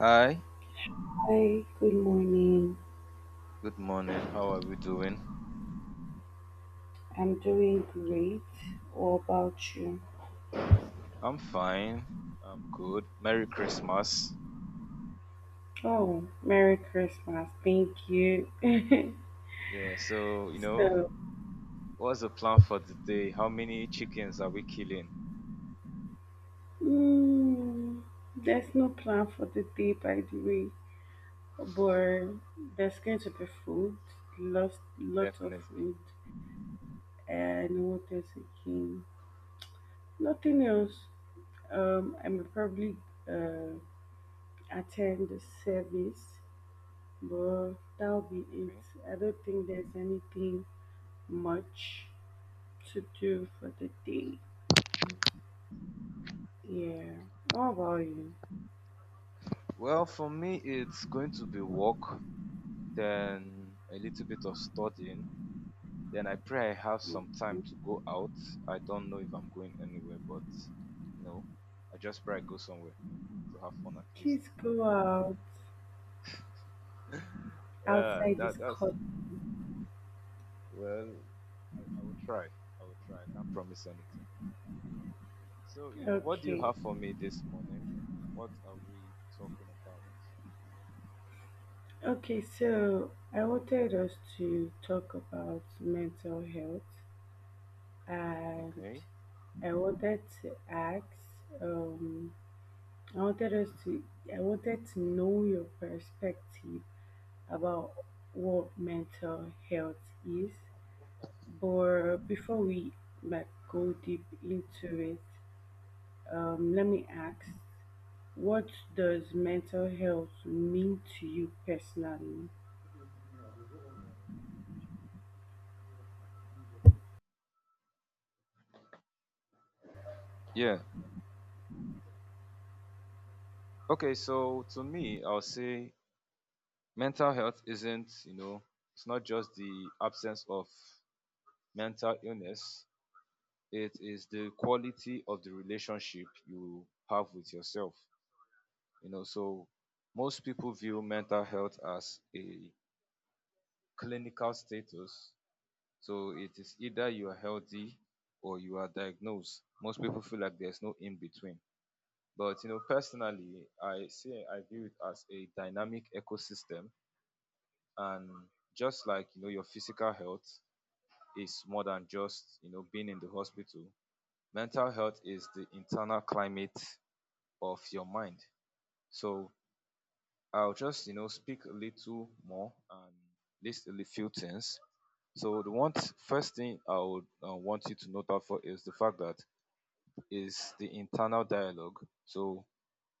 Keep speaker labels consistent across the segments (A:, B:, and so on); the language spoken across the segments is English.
A: Hi,
B: Hi, good morning.
A: good morning. How are we doing?
B: I'm doing great. What about you?
A: I'm fine. I'm good. Merry Christmas.
B: Oh, Merry Christmas. Thank you.
A: Yeah, so,
B: So,
A: what's the plan for today? How many chickens are we killing?
B: mm, there's no plan for the day, by the way, but there's going to be food, lot of
A: Definitely.
B: food, and what else again? Nothing else. I may probably uh, attend the service, but that'll be it.
A: Okay.
B: I don't think there's anything much to do for the day. Yeah. How about you?
A: Well, for me, it's going to be work, then a little bit of studying. Then I pray I have some time to
B: Mhm.
A: go out. I don't know if I'm going anywhere, but, you know, I just pray I go somewhere to have fun at least.
B: Please go out
A: Yeah,
B: outside this
A: that's
B: club.
A: well. I will try. I will try. I can't promise anything. So, what do you
B: Okay.
A: have for me this morning? What are we talking about?
B: Okay, so I wanted us to talk about mental health, and
A: Okay.
B: I wanted to ask, um, I wanted us to, I wanted to know your perspective about what mental health is. But before we like go deep into it,
A: Okay.
B: let me ask, what does mental health mean to you personally?
A: Yeah. Okay. So, to me, I'll say mental health isn't, it's not just the absence of mental illness. It is the quality of the relationship you have with yourself. So most people view mental health as a clinical status. So it is either you are healthy or you are diagnosed. Most people feel like there's no in between. But personally, I view it as a dynamic ecosystem. And just like your physical health is more than just being in the hospital. Mental health is the internal climate of your mind. So I'll just, speak a little more and list a few things. So the first thing I would want you to note out for is the fact that is the internal dialogue. So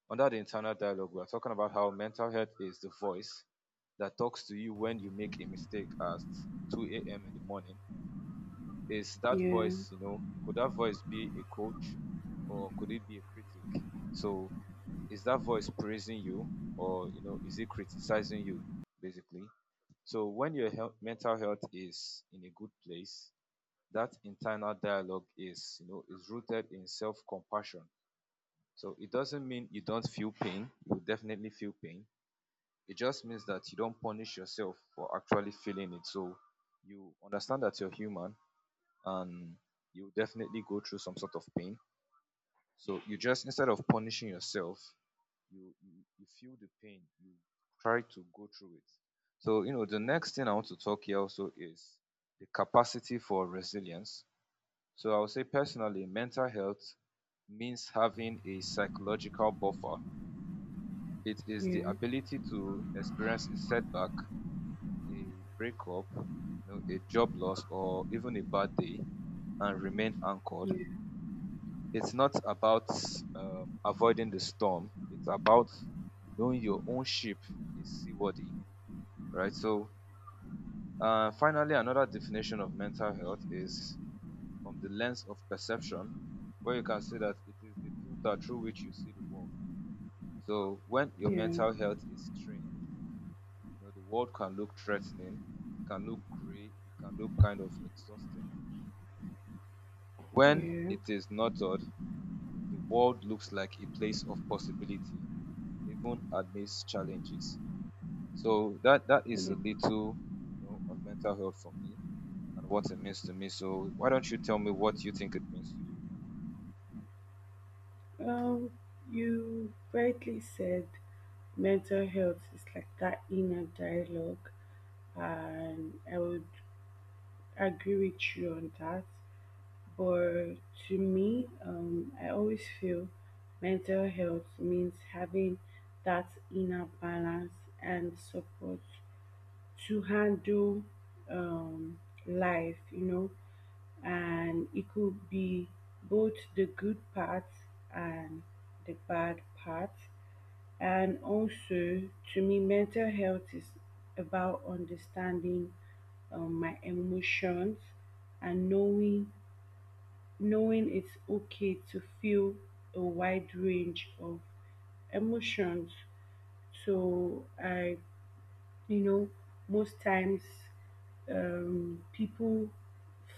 A: under the internal dialogue, we are talking about how mental health is the voice that talks to you when you make a mistake at 2 a.m. in the morning. Is that
B: Yeah,
A: voice, you know, could that voice be a coach or could it be a critic? So is that voice praising you or is it criticizing you basically? So when your mental health is in a good place, that internal dialogue is rooted in self-compassion. So it doesn't mean you don't feel pain, you definitely feel pain. It just means that you don't punish yourself for actually feeling it. So you understand that you're human and you definitely go through some sort of pain. So, you just instead of punishing yourself, you you you feel the pain, you try to go through it. So the next thing I want to talk here also is the capacity for resilience. So I would say personally mental health means having a psychological buffer. It is the
B: yeah,
A: ability to experience a setback, a breakup, a job loss, or even a bad day, and remain anchored.
B: yeah,
A: It's not about avoiding the storm. It's about knowing your own ship is seaworthy, right? So, finally, another definition of mental health is from the lens of perception, where you can see that it is the filter through which you see the world. So, when your
B: yeah,
A: mental health is strained, the world can look threatening, it can look gray, it can look kind of exhausting. When
B: yeah,
A: it is nurtured, the world looks like a place of possibility even amidst challenges. So that is
B: yeah.
A: a little, on mental health for me and what it means to me. So why don't you tell me what you think it means to you?
B: Um, you rightly said mental health is like that inner dialogue, and I would agree with you on that. For To me, I always feel mental health means having that inner balance and support to handle um, life, you know, and it could be both the good part and the bad part. And also, to me, mental health is about understanding my emotions and knowing it's okay to feel a wide range of emotions. So I, you know, most times, people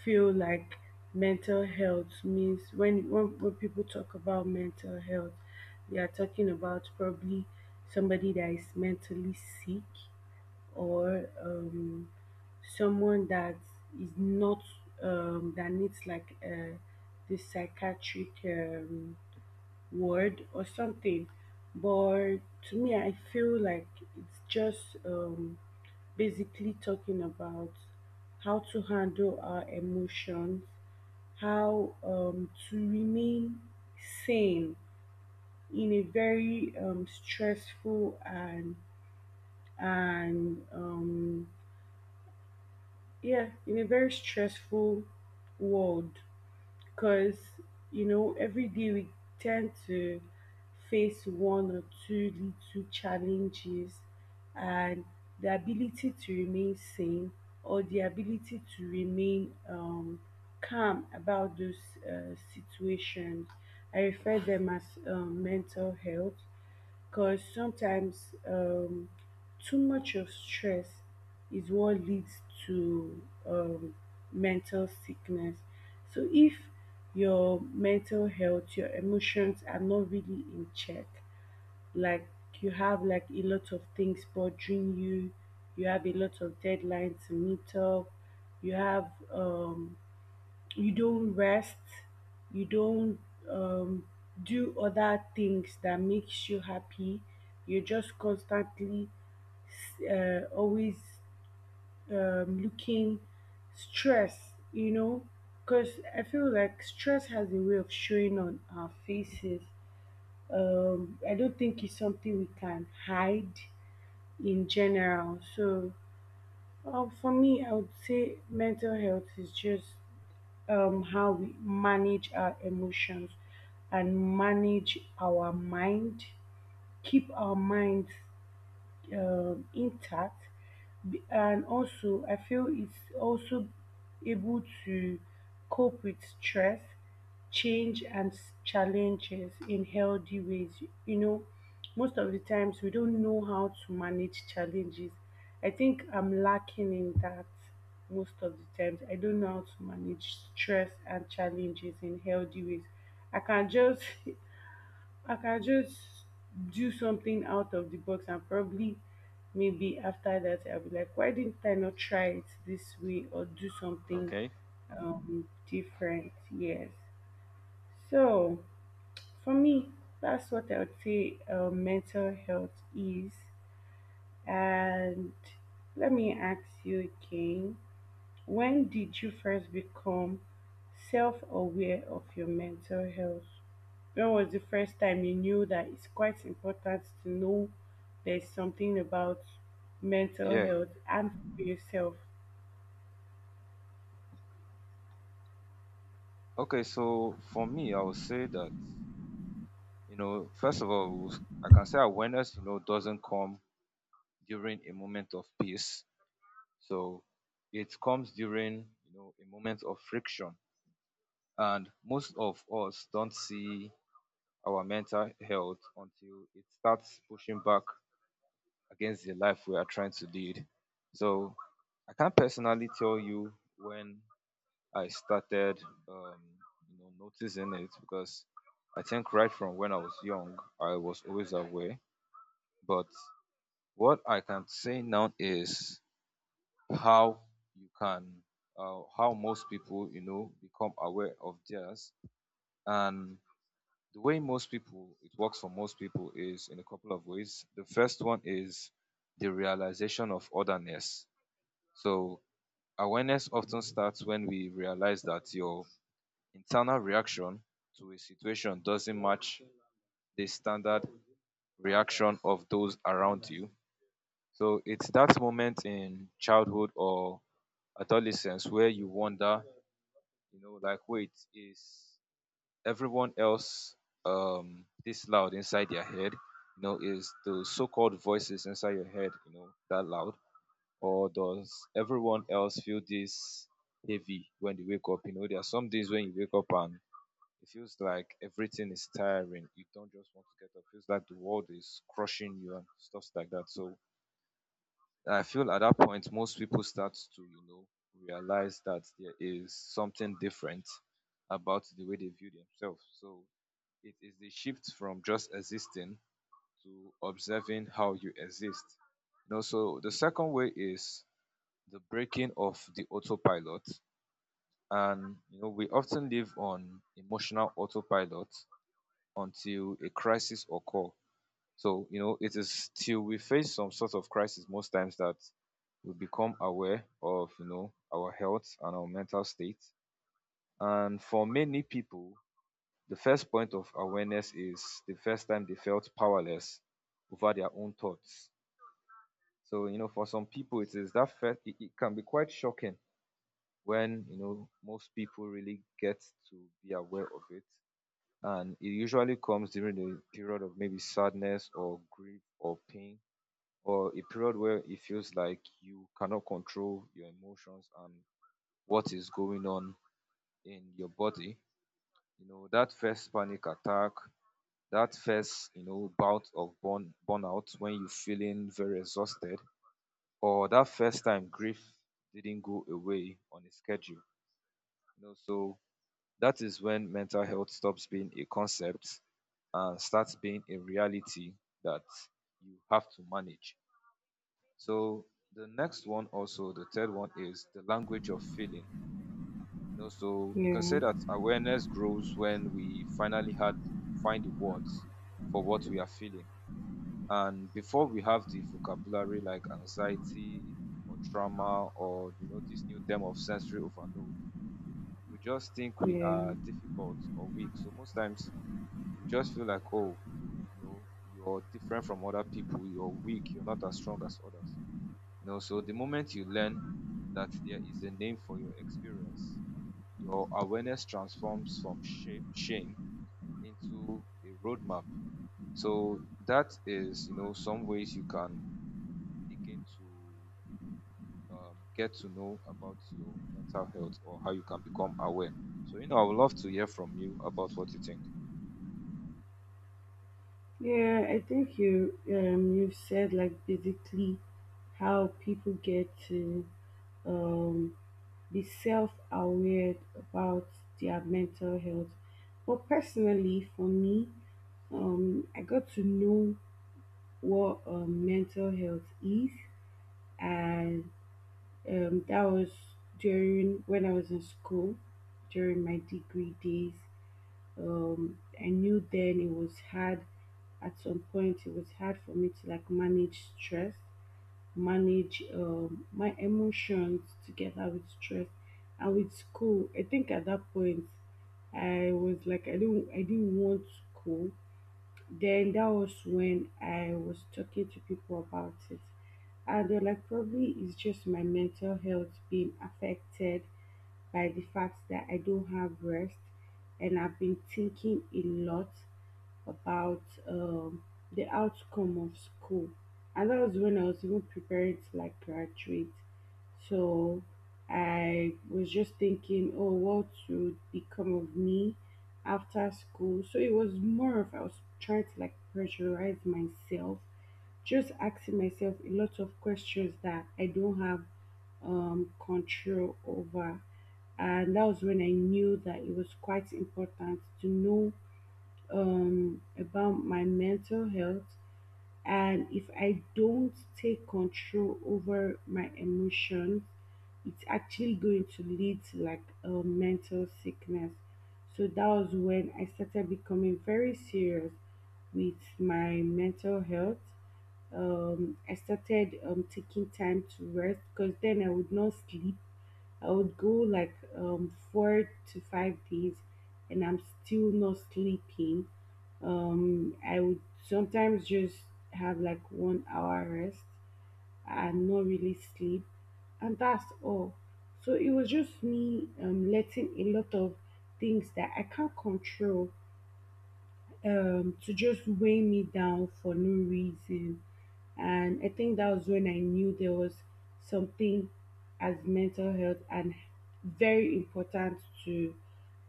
B: feel like mental health means when people talk about mental health, they are talking about probably somebody that is mentally sick or someone that is not, that needs like the psychiatric ward or something. But to me, I feel like it's just basically talking about how to handle our emotions, how to remain sane in a very stressful and yeah in a very stressful world, because, you know, every day we tend to face one or two little challenges, and the ability to remain sane or the ability to remain calm about those situations, I refer them as mental health, because sometimes too much of stress is what leads to um, mental sickness. So if your mental health, your emotions are not really in check, like you have like a lot of things bothering you, you have a lot of deadlines to meet up, you have, you don't rest, you don't um, do other things that makes you happy, you're just constantly always looking stress, because I feel like stress has a way of showing on our faces. I don't think it's something we can hide in general. So, for me, I would say mental health is just how we manage our emotions and manage our mind, keep our minds intact. And also, I feel it's also able to cope with stress, change, and challenges in healthy ways, you know. Most of the times we don't know how to manage challenges. I think I'm lacking in that. Most of the times I don't know how to manage stress and challenges in healthy ways. I can just I can just do something out of the box, and probably maybe after that I'll be like, why didn't I not try it this way or do something
A: Okay.
B: different? Yes. So for me, that's what I would say mental health is. And let me ask you again, when did you first become self aware of your mental health? When was the first time you knew that it's quite important to know there's something about mental
A: Yeah.
B: health and for yourself?
A: Okay. So for me, I would say that first of all, I can say awareness doesn't come during a moment of peace. So it comes during a moment of friction, and most of us don't see our mental health until it starts pushing back against the life we are trying to lead. So I can't personally tell you when I started, um, noticing it, because I think right from when I was young, I was always aware. But what I can say now is how you can, how most people, become aware of theirs. And the way most people, it works for most people is in a couple of ways. The first one is the realization of otherness. So awareness often starts when we realize that your internal reaction to a situation doesn't match the standard reaction of those around you. So it's that moment in childhood or adolescence where you wonder, like, wait, is everyone else this loud inside their head? Is the so-called voices inside your head, that loud? Or does everyone else feel this heavy when they wake up? There are some days when you wake up and it feels like everything is tiring. You don't just want to get up. It feels like the world is crushing you and stuff like that. So I feel at that point, most people start to, realize that there is something different about the way they view themselves. So it is the shift from just existing to observing how you exist. So the second way is the breaking of the autopilot, and we often live on emotional autopilot until a crisis occur. So it is till we face some sort of crisis most times that we become aware of our health and our mental state. And for many people, the first point of awareness is the first time they felt powerless over their own thoughts. So for some people it is that first, it can be quite shocking when most people really get to be aware of it. And it usually comes during the period of maybe sadness or grief or pain, or a period where it feels like you cannot control your emotions and what is going on in your body. That first panic attack, that first bout of burnout when you're feeling very exhausted, or that first time grief didn't go away on a schedule, so that is when mental health stops being a concept and starts being a reality that you have to manage. So the next one also, the third one, is the language of feeling. So you can
B: Yeah,
A: say that awareness grows when we finally had to find the words for what we are feeling. And before we have the vocabulary like anxiety or trauma or this new term of sensory overload, we just think we
B: yeah,
A: are difficult or weak. So most times you just feel like, oh, you know, you're different from other people, you're weak, you're not as strong as others. So the moment you learn that there is a name for your experience, your awareness transforms from shame into a roadmap. So that is, some ways you can begin to get to know about your mental health or how you can become aware. So, I would love to hear from you about what you think.
B: yeah. I think you said like basically how people get to um be self-aware about their mental health. But personally, for me, I got to know what mental health is, and that was during when I was in school, during my degree days. I knew then it was hard. At some point, it was hard for me to like manage stress, manage my emotions together with stress and with school. I think at that point, I was like, I didn't want school. Then that was when I was talking to people about it, and they're like, probably it's just my mental health being affected by the fact that I don't have rest and I've been thinking a lot about, um, the outcome of school. And that was when I was even preparing to like graduate. So I was just thinking, oh, what would become of me after school? So it was more of I was trying to like pressurize myself, just asking myself a lot of questions that I don't have control over. And that was when I knew that it was quite important to know about my mental health, and if I don't take control over my emotions, it's actually going to lead to like a mental sickness. So that was when I started becoming very serious with my mental health. I started taking time to rest, because then I would not sleep. I would go like 4 to 5 days and I'm still not sleeping. I would sometimes just have like 1 hour rest and not really sleep, and that's all. So it was just me letting a lot of things that I can't control to just weigh me down for no reason. And I think that was when I knew there was something as mental health, and very important to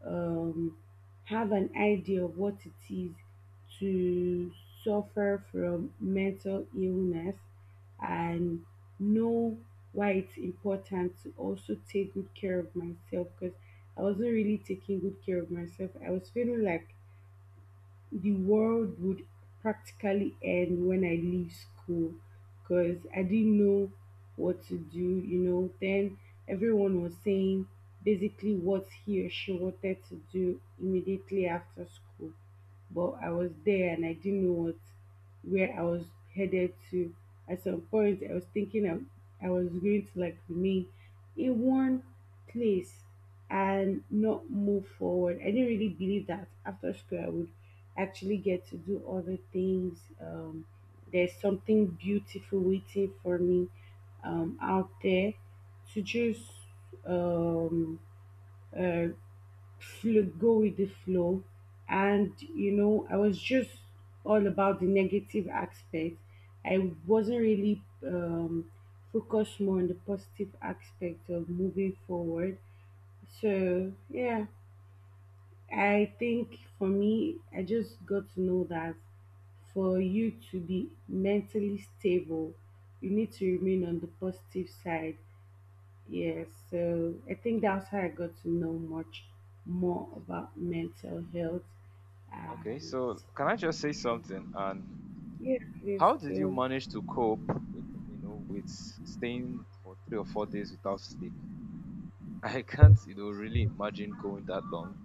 B: um, have an idea of what it is to suffer from mental illness, and know why it's important to also take good care of myself, because I wasn't really taking good care of myself. I was feeling like the world would practically end when I leave school, because I didn't know what to do, you know. Then everyone was saying basically what he or she wanted to do immediately after school. But I was there and I didn't know what, where I was headed to. At some point I was thinking I was going to like remain in one place and not move forward. I didn't really believe that after school I would actually get to do other things. There's something beautiful waiting for me out there to just um, uh, go with the flow. And, you know, I was just all about the negative aspect. I wasn't really focused more on the positive aspect of moving forward. So, yeah. I think for me, I just got to know that for you to be mentally stable, you need to remain on the positive side. Yes, so I think that's how I got to know much more about
A: Okay.
B: mental health.
A: Okay,
B: Um,
A: so can I just say something? And
B: yes, please
A: how did you
B: too.
A: manage to cope with staying for 3 or 4 days without sleep? I can't, really imagine going that long.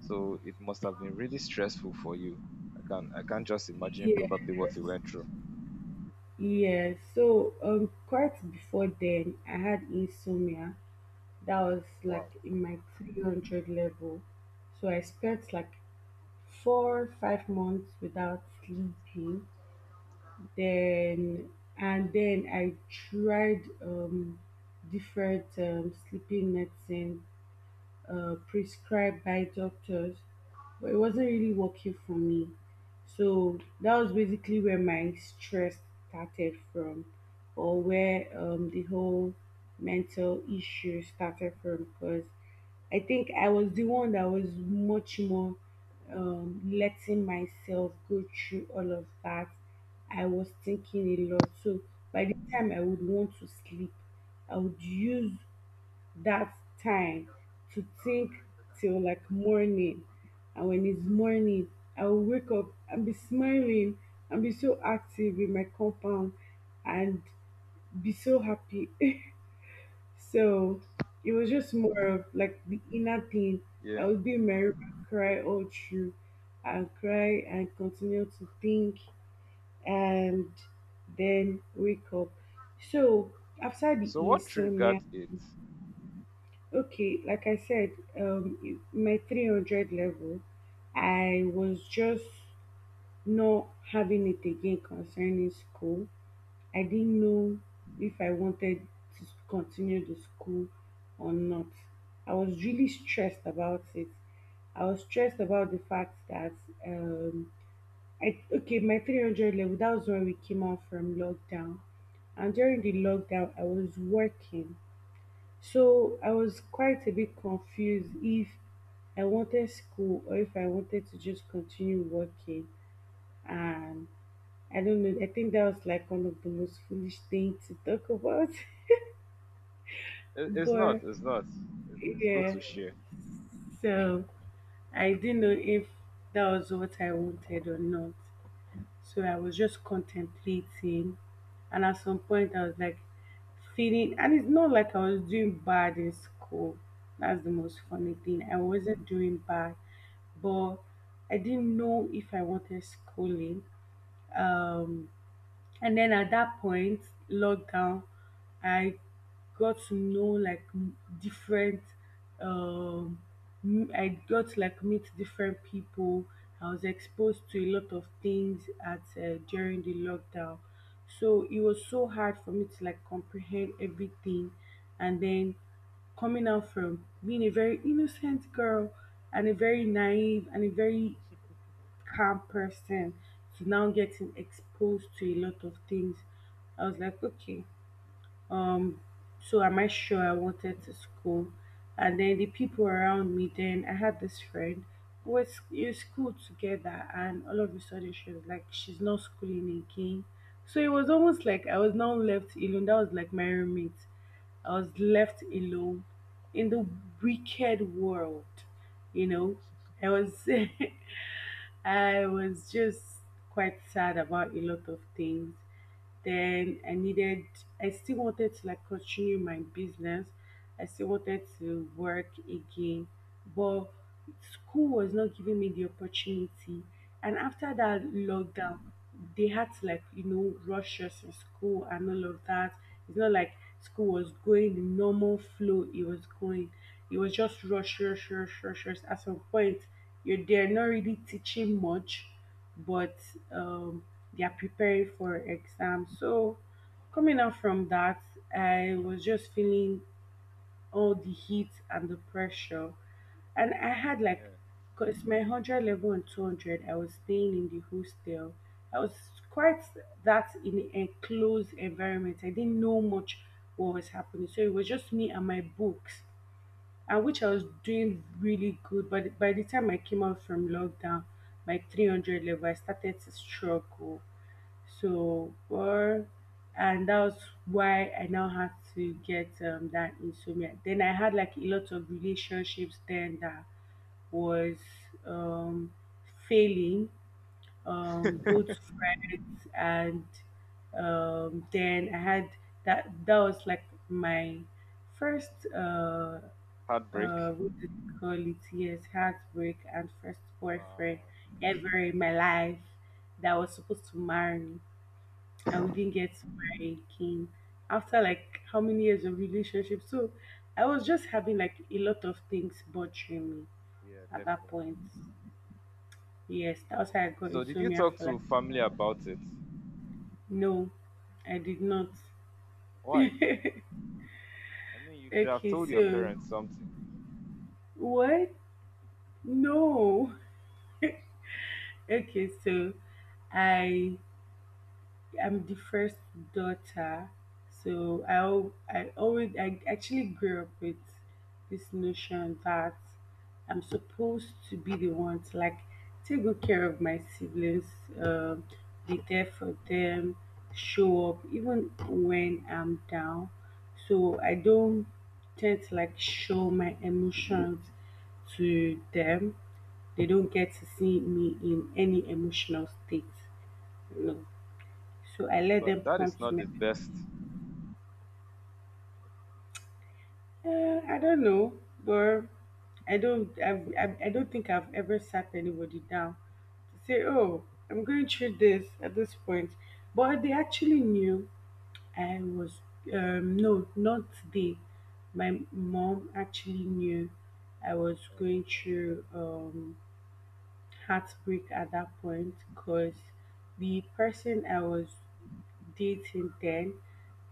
A: So it must have been really stressful for you. I can't just imagine
B: Yes,
A: probably what you went through.
B: yes. So quite before then, I had insomnia. That was like
A: Wow.
B: in my 300 level. So I spent like 4 5 months without sleeping then. And then I tried different sleeping medicine prescribed by doctors, but it wasn't really working for me. So that was basically where my stress started from, or where the whole mental issue started from, because I think I was the one that was much more letting myself go through all of that. I was thinking a lot. So by the time I would want to sleep, I would use that time to think till like morning. And when it's morning, I will wake up and be smiling and be so active in my compound and be so happy. So it was just more of like the inner thing. I
A: Yeah.
B: would be merry and cry all through, and cry and continue to think, and then wake up. So after the
A: So what triggered
B: insomnia.
A: it?
B: Okay, like I said, um, my 300 level, I was just not having it again concerning school. I didn't know if I wanted to continue the school or not. I was really stressed about it. I was stressed about the fact that, um, okay, my 300 level, that was when we came out from lockdown. And during the lockdown, I was working, so I was quite a bit confused if I wanted school or if I wanted to just continue working. And I don't know, I think that was like one of the most foolish things to talk about.
A: It's not.
B: But
A: It's not. It's good
B: yeah,
A: to share.
B: so I didn't know if that was what I wanted or not. So I was just contemplating, and at some point I was like feeling, and it's not like I was doing bad in school. That's the most funny
A: Okay.
B: thing. I wasn't doing bad, but I didn't know if I wanted schooling. Um, and then at that point, lockdown, I got to know like different, um, I got to like meet different people. I was exposed to a lot of things at during the lockdown. So it was so hard for me to like comprehend everything. And then coming out from being a very innocent girl and a very naive and a very calm person to now getting exposed to a lot of things. I was like, okay, um so am I sure I wanted to school? And then the people around me, then I had this friend who was in school together, and all of a sudden she was like, she's not schooling again. So it was almost like I was now left alone. That was like my roommate. I was left alone in the wicked world, you know. I was I was just quite sad about a lot of things. Then I needed, I still wanted to like continue my business. I still wanted to work again, but school was not giving me the opportunity. And after that
A: Yeah.
B: lockdown, they had to like, you know, rush us in school and all of that. It's not like school was going the normal flow it was going. It was just rush, rush, rush, rush, rush. At some point, you're there not really teaching much, but um, they are preparing for exams. So coming out from that, I was just feeling all the heat and the pressure, and I had like,
A: Yeah.
B: cause my hundred level and 200, I was staying in the hostel. I was quite that in an enclosed environment. I didn't know much what was happening, so it was just me and my books, and which I was doing really good. But by the time I came out from lockdown, my 300 level, I started to struggle. So,
A: Wow.
B: or, and that was why I now had to get that insomnia. Then I had like a lot of relationships then that was um, failing, both friends and then I had that was like my first
A: Heartbreak.
B: what do you call it? Yes, heartbreak and first boyfriend
A: Wow.
B: ever in my life that was supposed to marry me, and we didn't get to marry again after like how many years of relationship. So I was just having like a lot of things bothering me
A: Yeah,
B: at that
A: definitely.
B: point. Yes, that was how I got
A: So did you
B: insomnia
A: talk
B: for like
A: to family about it?
B: no, I did not.
A: Why? I mean, you should have
B: Okay,
A: told your
B: so
A: parents something.
B: what? No. Okay, so I I'm the first daughter, so I al- I always I actually grew up with this notion that I'm supposed to be the one to like take good care of my siblings, um, be there for them, show up even when I'm down. So I don't tend to like show my emotions to them. They don't get to see me in any emotional state. So I let them
A: But that
B: come
A: is
B: to
A: not
B: me.
A: the best.
B: I don't know, but I don't. I don't think I've ever sat anybody down to say, "Oh, I'm going through this at this point," but they actually knew I was. No, not they. My mom actually knew I was
A: Oh,
B: going
A: okay.
B: through. Heartbreak at that point because the person I was dating then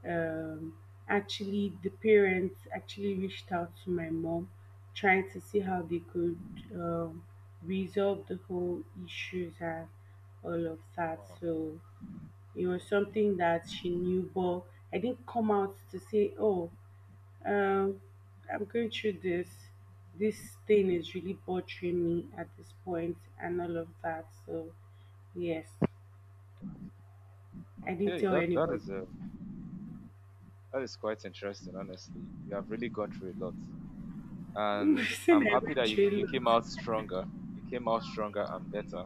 B: um actually the parents actually reached out to my mom trying to see
A: Oh,
B: how they could, um, resolve the whole issues and all of that.
A: wow.
B: So it was something that she knew, but I didn't come out to say, oh, um, I'm going through this. This thing is really bothering me at this point, and all of that. So, yes, I didn't
A: Okay,
B: tell
A: that that
B: anybody.
A: is uh, that is quite interesting. Honestly, you have really gone through a lot, and
B: Since
A: I'm
B: I
A: happy
B: went
A: that you
B: through
A: you
B: a
A: came out
B: lot.
A: stronger. You came out stronger and better.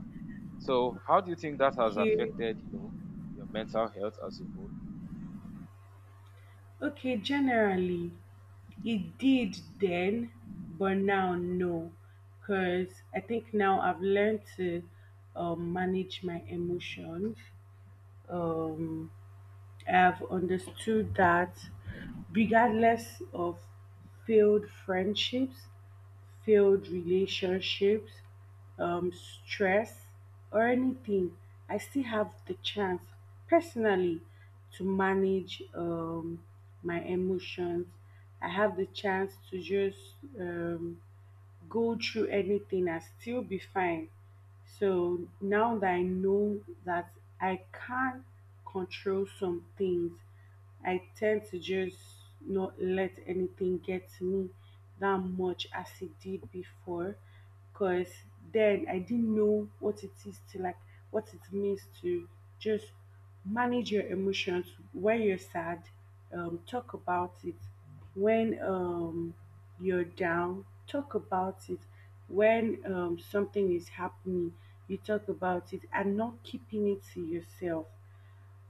A: So, how do you think that has
B: Okay,
A: affected your mental health as a whole?
B: okay. Generally, it did then, but now no, because I think now I've learned to, manage my emotions. Um, I've understood that regardless of failed friendships, failed relationships, stress, or anything, I still have the chance personally to manage, my emotions. I have the chance to just, go through anything and still be fine. So now that I know that I can control some things, I tend to just not let anything get me that much as it did before, because then I didn't know what it is to like what it means to just manage your emotions. When you're sad, talk about it. When, you're down, talk about it. When, something is happening, you talk about it and not keeping it to yourself.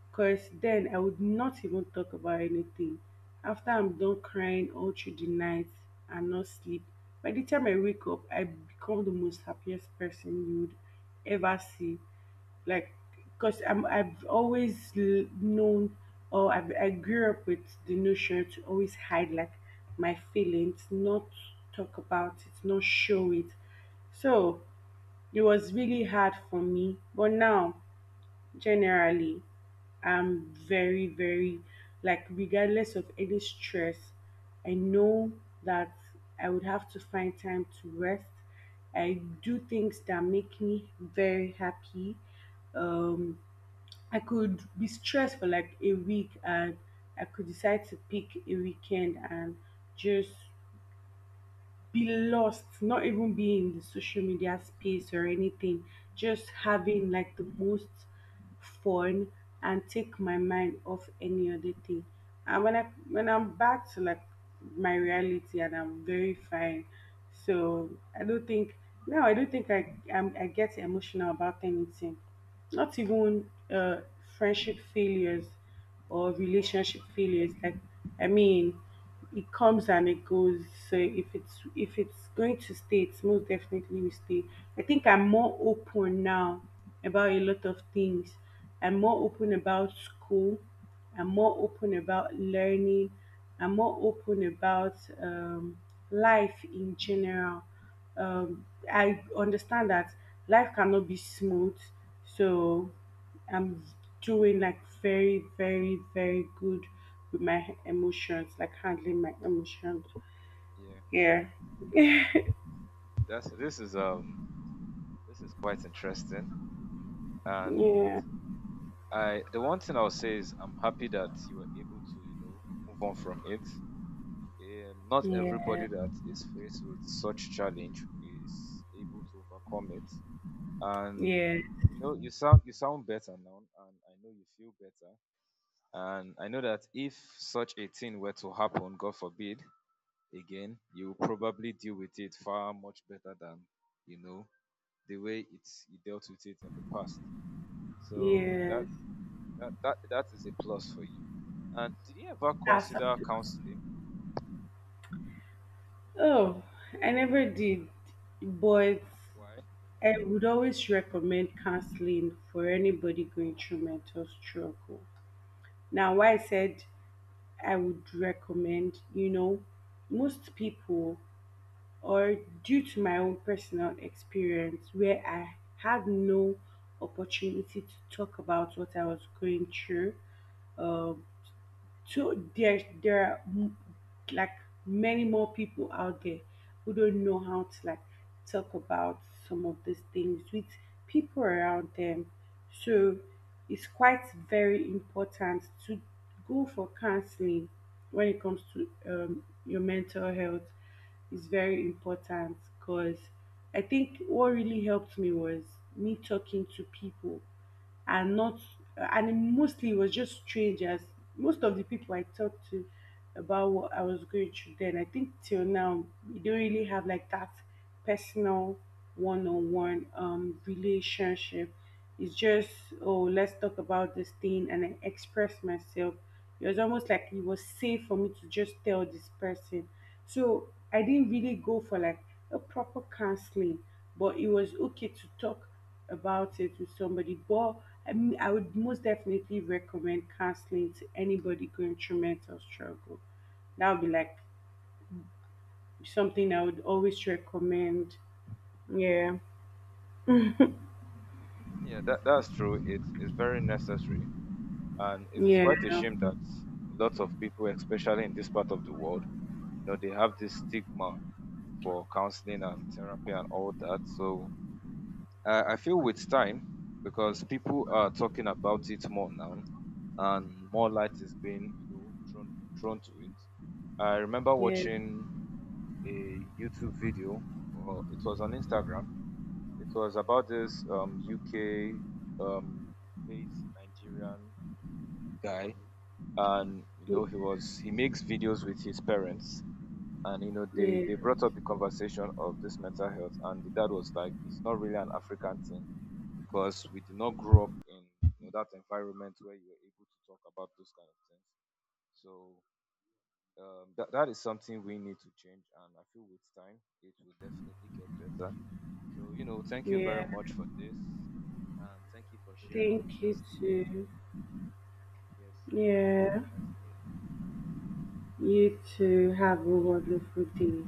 B: Because then I would not even talk about anything. After I'm done crying all through the night and not sleep, by the time I wake up, I become the most happiest person you would ever see. Like, because I've always known or I grew up with the notion to always hide like my feelings, not talk about it, not show it. So it was really hard for me. But now generally, I'm very, very like regardless of any stress, I know that I would have to find time to rest. I do things that make me very happy. Um, I could be stressed for like a week, and I could decide to pick a weekend and just be lost, not even be in the social media space or anything, just
A: Yeah.
B: having like the most fun and take my mind off any other thing. And when I'm back to like my reality, and I'm very fine. So I don't think no, I don't think I get emotional about anything. Not even friendship failures or
A: Wow.
B: relationship failures. Like, I mean, it comes and it goes. So if it's going to stay, it's most definitely will stay. I think I'm more open now about a lot of things. I'm more open about school, I'm more open about learning, I'm more open about, life in general. Um, I understand that life cannot be smooth, so I'm doing like very, very, very good with my emotions, like handling my emotions.
A: Yeah.
B: Yeah,
A: That's this is quite interesting, and
B: yeah,
A: I the one thing I'll say is I'm happy that you were able to move on from it. Not
B: yeah,
A: everybody that is faced with such challenge is able to overcome it, and
B: yeah,
A: you sound better now, and I know you feel better, and I know that if such a thing were to happen, God forbid, again, you will probably deal with it far much better than you know the way it's you dealt with it in the past. So that
B: yes.
A: that that that is a plus for you. And did you ever
B: That's
A: consider
B: something.
A: counseling?
B: Oh, I never did, but
A: Why?
B: I would always recommend counseling for anybody going through mental struggle. Now, why I said I would recommend, you know, most people or due to my own personal experience where I had no opportunity to talk about what I was going through. Um, so there are like many more people out there who don't know how to like talk about some of these things with people around them. So it's quite very important to go for counseling when it comes to, your mental health is very important because I think what really helped me was me talking to people, and not, and it mostly was just strangers. Most of the people I talked to about what I was going through then, I think till now, we don't really have like that personal one-on-one relationship. It's just, oh, let's talk about this thing and I express myself. It was almost like it was safe for me to just tell this person. So I didn't really go for like a proper counseling, but it was okay to talk about it with somebody. But I mean, I would most definitely recommend counseling to anybody going through mental struggle. That would be like something I would always recommend. Yeah,
A: Yeah, that's true. It is very necessary, and it is quite a
B: yeah,
A: shame that lots of people, especially in this part of the world, they have this stigma for counseling and therapy and all that. So I feel with time, because people are talking about it more now, and more light is being thrown to it. I remember
B: yeah,
A: watching a YouTube video, or it was on Instagram. It was about this UK um, based Nigerian guy, and
B: yeah,
A: he makes videos with his parents, and they
B: yeah.
A: they brought up the conversation of this mental health, and the dad was like, it's not really an African thing because we did not grow up in, that environment where you were able to talk about those kind of things. So that is something we need to change, and I feel with time it will definitely get better. So, thank you very
B: Yeah.
A: much for this. And thank you for sharing with
B: Thank you
A: us today.
B: too.
A: Yes, so have
B: Yeah.
A: a nice day.
B: You two have a wonderful day.